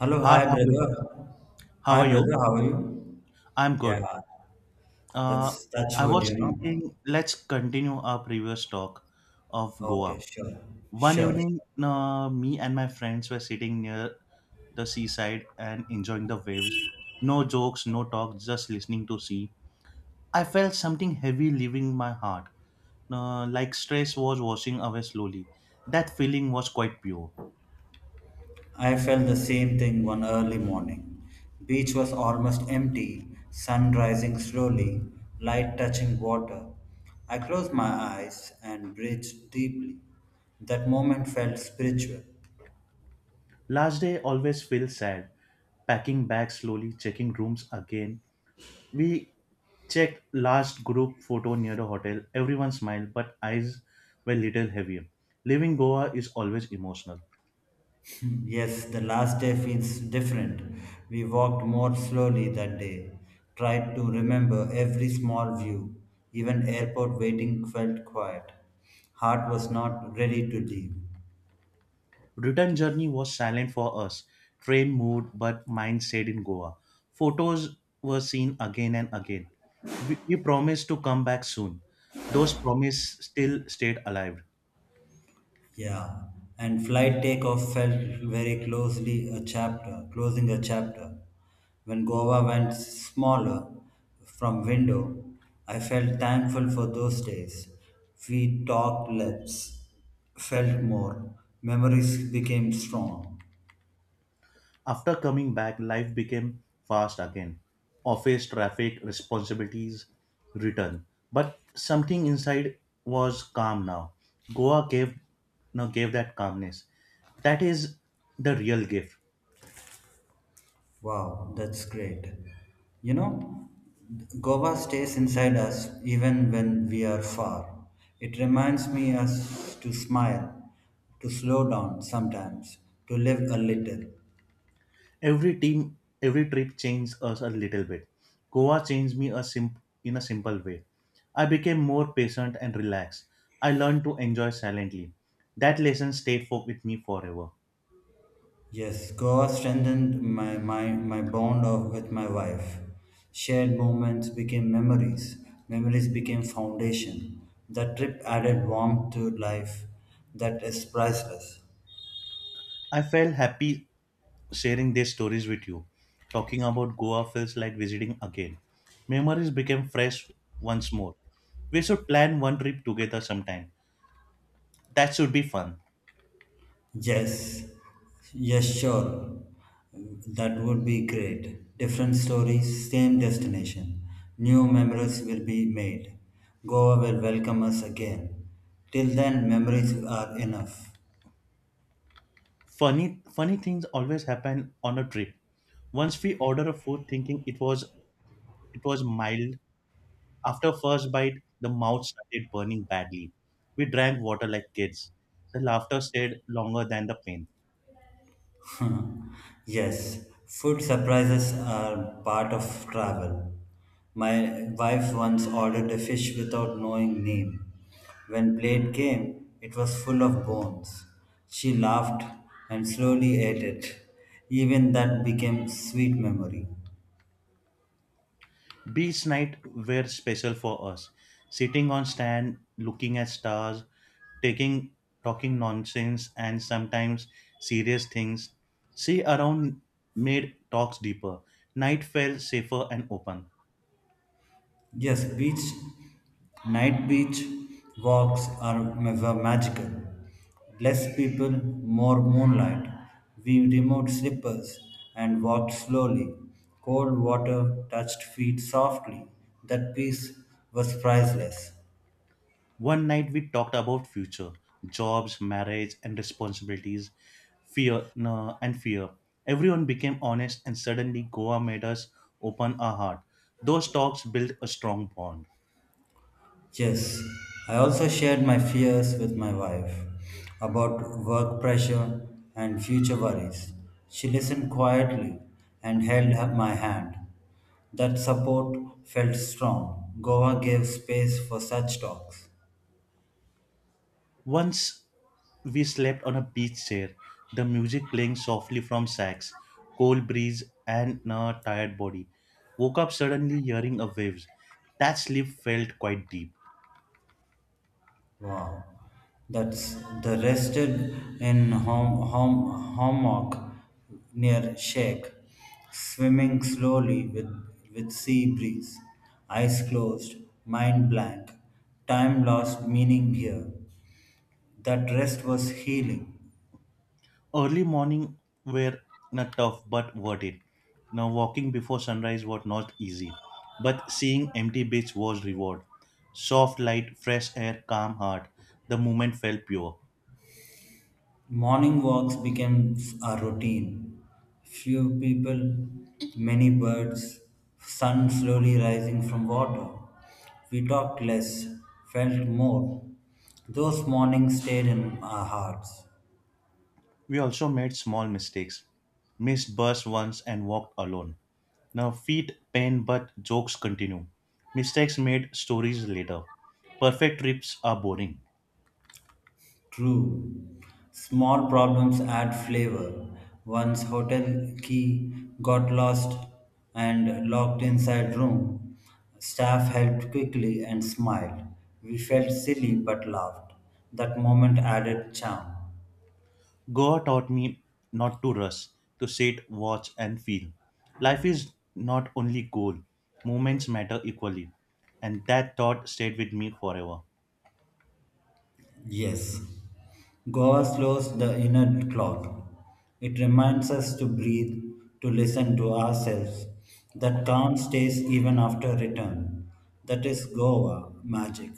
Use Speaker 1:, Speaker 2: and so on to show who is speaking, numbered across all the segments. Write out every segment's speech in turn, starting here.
Speaker 1: Hello,
Speaker 2: Hi,
Speaker 1: hi
Speaker 2: how are you?
Speaker 1: brother.
Speaker 2: How
Speaker 1: Hi
Speaker 2: are you?
Speaker 1: brother, how are you?
Speaker 2: I'm
Speaker 1: Yeah,
Speaker 2: good. Uh,
Speaker 1: that's
Speaker 2: I
Speaker 1: good,
Speaker 2: was
Speaker 1: you know.
Speaker 2: thinking, let's continue our previous talk of Goa.
Speaker 1: Okay, sure,
Speaker 2: One
Speaker 1: sure.
Speaker 2: evening, me and my friends were sitting near the seaside and enjoying the waves. No jokes, no talk, just listening to sea. I felt something heavy leaving my heart, like stress was washing away slowly. That feeling was quite pure.
Speaker 1: I felt the same thing one early morning. Beach was almost empty, sun rising slowly, light touching water. I closed my eyes and breathed deeply. That moment felt spiritual.
Speaker 2: Last day always feels sad, packing bags slowly, checking rooms again. We checked last group photo near the hotel. Everyone smiled, but eyes were little heavier. Leaving Goa is always emotional.
Speaker 1: Yes, the last day feels different. We walked more slowly that day, tried to remember every small view. Even airport waiting felt quiet. Heart was not ready to leave.
Speaker 2: Return journey was silent for us. Train moved, but mind stayed in Goa. Photos were seen again and again. We promised to come back soon. Those promises still stayed alive.
Speaker 1: Yeah, and flight takeoff felt very closely a chapter, closing a chapter. When Goa went smaller from window, I felt thankful for those days. We talked less, felt more. Memories became strong.
Speaker 2: After coming back, life became fast again. Office, traffic, responsibilities return. But something inside was calm now. Goa gave now gave that calmness. That is the real gift.
Speaker 1: Wow, that's great. You know, Goa stays inside us even when we are far. It reminds me us to smile, to slow down sometimes, to live a little.
Speaker 2: Every team, every trip changed us a little bit. Goa changed me in a simple way. I became more patient and relaxed. I learned to enjoy silently. That lesson stayed for, with me forever.
Speaker 1: Yes, Goa strengthened my bond of, with my wife. Shared moments became memories. Memories became foundation. That trip added warmth to life that is priceless.
Speaker 2: I felt happy sharing their stories with you. Talking about Goa feels like visiting again. Memories became fresh once more. We should plan one trip together sometime. That should be fun.
Speaker 1: Yes, yes, sure. That would be great. Different stories, same destination. New memories will be made. Goa will welcome us again. Till then, memories are enough.
Speaker 2: Funny things always happen on a trip. Once we order a food thinking it was mild, after first bite the mouth started burning badly. We drank water like kids. The laughter stayed longer than the pain.
Speaker 1: yes, food surprises are part of travel. My wife once ordered a fish without knowing name. When plate came, it was full of bones. She laughed and slowly ate it. Even that became sweet memory.
Speaker 2: Beach night were special for us. Sitting on stand, looking at stars, taking talking nonsense and sometimes serious things. See around made talks deeper. Night felt safer and open.
Speaker 1: Yes, beach, night beach walks were magical. Less people, more moonlight. We removed slippers and walked slowly. Cold water touched feet softly. That peace was priceless.
Speaker 2: One night we talked about future, jobs, marriage and responsibilities, fear no, and fear. Everyone became honest and suddenly Goa made us open our heart. Those talks built a strong bond.
Speaker 1: Yes, I also shared my fears with my wife about work pressure and future worries. She listened quietly and my hand. That support felt strong. Goa gave space for such talks.
Speaker 2: Once we slept on a beach chair, the music playing softly from sax, cold breeze, and a tired body. Woke up suddenly hearing a waves. That sleep felt quite deep.
Speaker 1: Wow, that's the rested in hammock near shake, swimming slowly with sea breeze, eyes closed, mind blank, time lost meaning here. That rest was healing.
Speaker 2: Early morning were not tough but worth it. Now walking before sunrise was not easy, but seeing empty beach was reward. Soft light, fresh air, calm heart. The moment felt pure.
Speaker 1: Morning walks became a routine. Few people, many birds, sun slowly rising from water. We talked less, felt more. Those mornings stayed in our hearts.
Speaker 2: We also made small mistakes, missed bus once and walked alone. Now feet pain, but jokes continue. Mistakes made stories later. Perfect trips are boring.
Speaker 1: True. Small problems add flavor. Once hotel key got lost and locked inside room. Staff helped quickly and smiled. We felt silly but laughed. That moment added charm.
Speaker 2: Goa taught me not to rush, to sit, watch, and feel. Life is not only goal, moments matter equally. And that thought stayed with me forever.
Speaker 1: Yes. Goa slows the inner clock. It reminds us to breathe, to listen to ourselves. That calm stays even after return. That is Goa magic.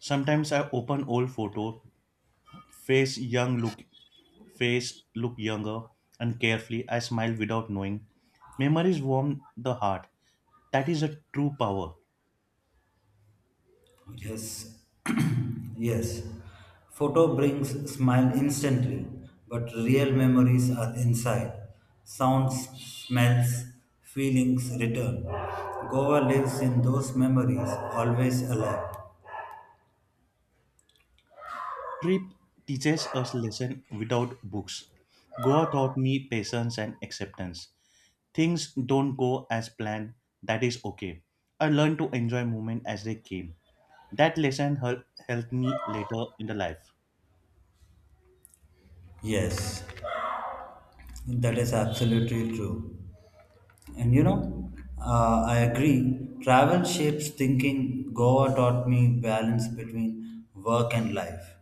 Speaker 2: Sometimes I open old photo, face young look face looked younger and carefully. I smiled without knowing. Memories warm the heart. That is a true power.
Speaker 1: Yes, yes. Photo brings smile instantly, but real memories are inside. Sounds, smells, feelings return. Goa lives in those memories, always alive.
Speaker 2: Trip teaches us lesson without books. Goa taught me patience and acceptance. Things don't go as planned. That is okay. I learned to enjoy moment as they came. That lesson helped me later in the life.
Speaker 1: Yes, that is absolutely true. And you know, I agree. Travel shapes thinking. Goa taught me balance between work and life.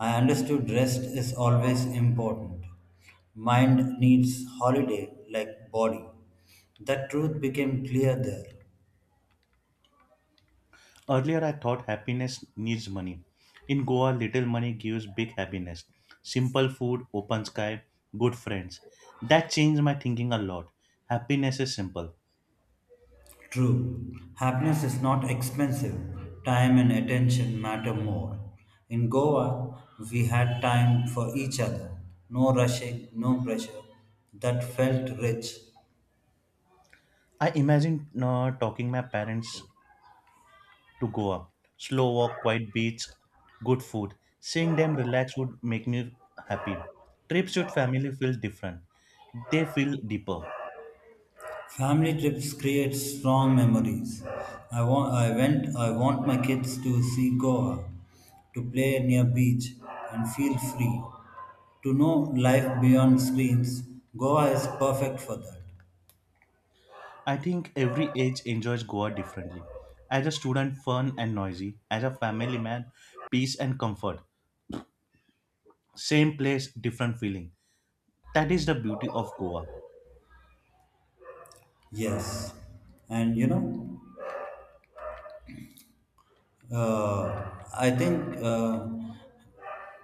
Speaker 1: I understood rest is always important. Mind needs holiday like body. That truth became clear there.
Speaker 2: Earlier, I thought happiness needs money. In Goa, little money gives big happiness. Simple food, open sky, good friends. That changed my thinking a lot. Happiness is simple.
Speaker 1: True, happiness is not expensive. Time and attention matter more. In Goa, we had time for each other. No rushing, no pressure. That felt rich.
Speaker 2: I imagine talking my parents to Goa. Slow walk, quiet beach, good food. Seeing them relax would make me happy. Trips with family feel different. They feel deeper.
Speaker 1: Family trips create strong memories. I want, I went, I want my kids to see Goa, to play near beach, and feel free. To know life beyond screens, Goa is perfect for that.
Speaker 2: I think every age enjoys Goa differently. As a student, fun and noisy. As a family man, peace and comfort. Same place, different feeling. That is the beauty of Goa.
Speaker 1: Yes, and you know, I think.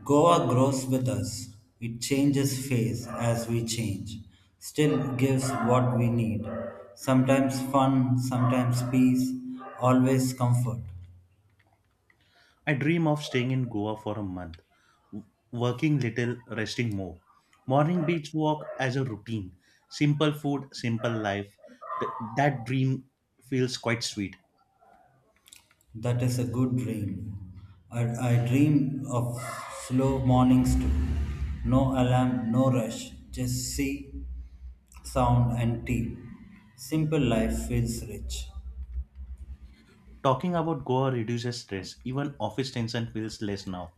Speaker 1: Goa grows with us. It changes phase as we change, still gives what we need. Sometimes fun, sometimes peace, always comfort.
Speaker 2: I dream of staying in Goa for a month, working little, resting more. Morning beach walk as a routine. Simple food, simple life. That dream feels quite sweet.
Speaker 1: That is a good dream. I, I dream of slow mornings too. No alarm, no rush, just sea, sound, and tea. Simple life feels rich.
Speaker 2: Talking about Goa reduces stress. Even office tension feels less now.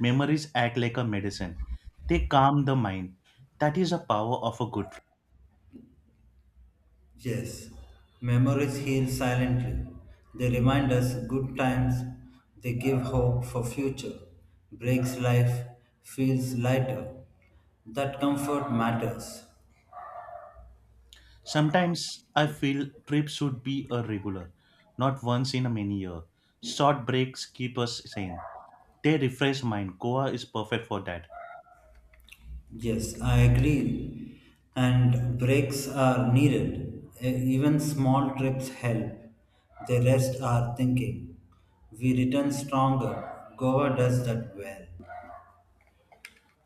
Speaker 2: Memories act like a medicine. They calm the mind. That is the power of a good. Friend.
Speaker 1: Yes, memories heal silently. They remind us good times, they give hope for future, breaks life, feels lighter. That comfort matters.
Speaker 2: Sometimes I feel trips should be a regular, not once in a many year. Short breaks keep us sane. They refresh mind. Goa is perfect for that.
Speaker 1: Yes, I agree. And breaks are needed. Even small trips help. They rest our thinking. We return stronger. Goa does that well.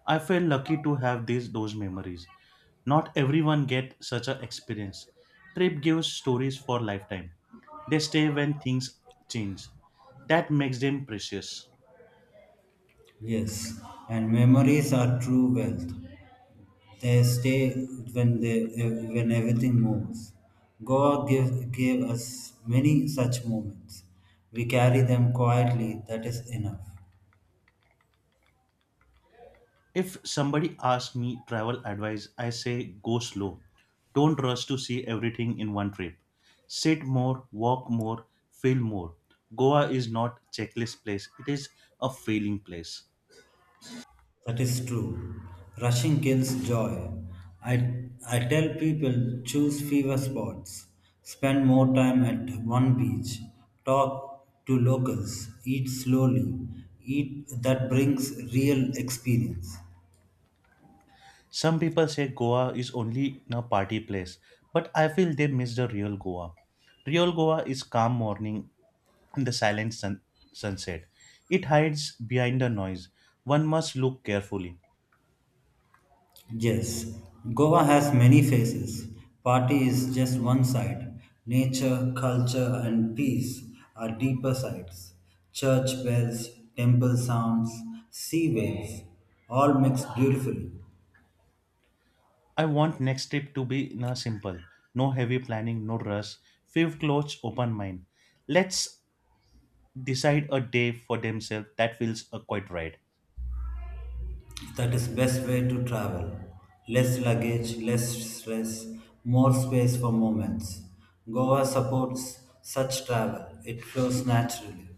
Speaker 2: I feel lucky to have these those memories. Not everyone get such an experience. Trip gives stories for lifetime. They stay when things change. That makes them precious.
Speaker 1: Yes, and memories are true wealth. They stay when they when everything moves. God give gave us many such moments. We carry them quietly. That is enough.
Speaker 2: If somebody asks me travel advice, I say go slow. Don't rush to see everything in one trip. Sit more, walk more, feel more. Goa is not checklist place. It is a feeling place.
Speaker 1: That is true. Rushing kills joy. I tell people choose fever spots. Spend more time at one beach. Talk to locals. Eat slowly. Eat that brings real experience.
Speaker 2: Some people say Goa is only a party place, but I feel they miss the real Goa. Real Goa is calm morning and the sunset. It hides behind the noise. One must look carefully.
Speaker 1: Yes, Goa has many faces. Party is just one side. Nature, culture, and peace are deeper sides. Church bells, temple sounds, sea waves, all mixed beautifully.
Speaker 2: I want next trip to be na simple, no heavy planning, no rush, few clothes, open mind. Let's decide a day for themselves that feels quite right.
Speaker 1: That is best way to travel. Less luggage, less stress, more space for moments. Goa supports such travel. It flows naturally.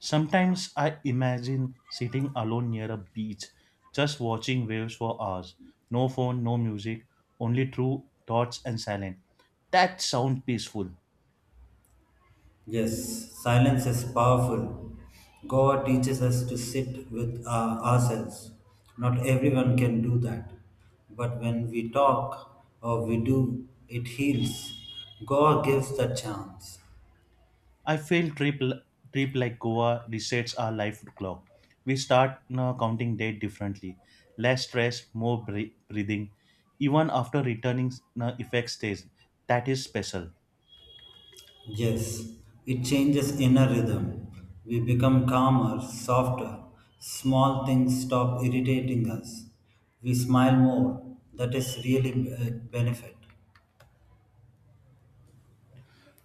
Speaker 2: Sometimes I imagine sitting alone near a beach, just watching waves for hours. No phone, no music, only true thoughts and silence. That sound peaceful.
Speaker 1: Yes, silence is powerful. Goa teaches us to sit with ourselves. Not everyone can do that. But when we talk or we do, it heals. Goa gives the chance.
Speaker 2: I feel trip like Goa resets our life clock. We start now counting day differently. Less stress, more breathing. Even after returning, now effect stays. That is special.
Speaker 1: Yes, it changes inner rhythm. We become calmer, softer. Small things stop irritating us. We smile more. That is really a benefit.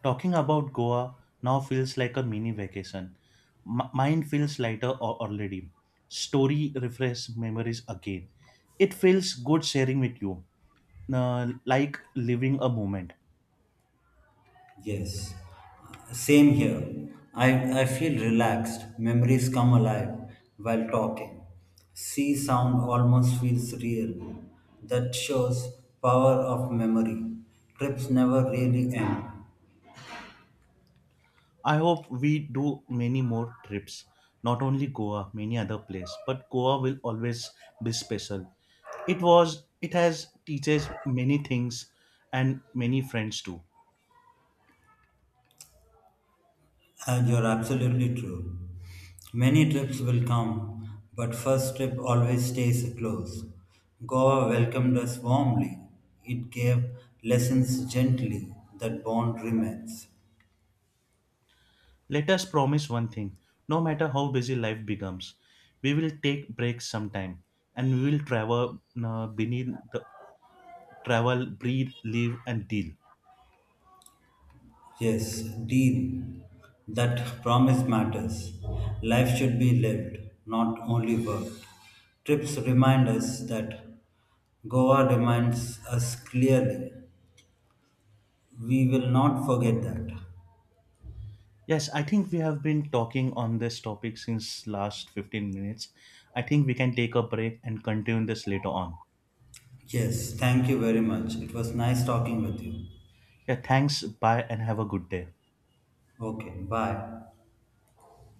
Speaker 2: Talking about Goa now feels like a mini vacation. Mine feels lighter already. Story refresh memories again. It feels good sharing with you, like living a moment.
Speaker 1: Yes, same here. I feel relaxed. Memories come alive while talking. Sea sound almost feels real. That shows power of memory. Trips never really end.
Speaker 2: I hope we do many more trips. Not only Goa, many other places, but Goa will always be special. It has teaches many things and many friends too.
Speaker 1: And you're absolutely true. Many trips will come, but first trip always stays close. Goa welcomed us warmly. It gave lessons gently. That bond remains.
Speaker 2: Let us promise one thing no matter how busy life becomes, we will take breaks sometime and we will travel beneath the travel, breathe, live, and deal.
Speaker 1: Yes, deal. That promise matters. Life should be lived, not only worked. Trips remind us that Goa reminds us clearly. We will not forget that.
Speaker 2: Yes, I think we have been talking on this topic since last 15 minutes. I think we can take a break and continue this later on.
Speaker 1: Yes, thank you very much. It was nice talking with you.
Speaker 2: Yeah, thanks. Bye and have a good day.
Speaker 1: Okay, bye.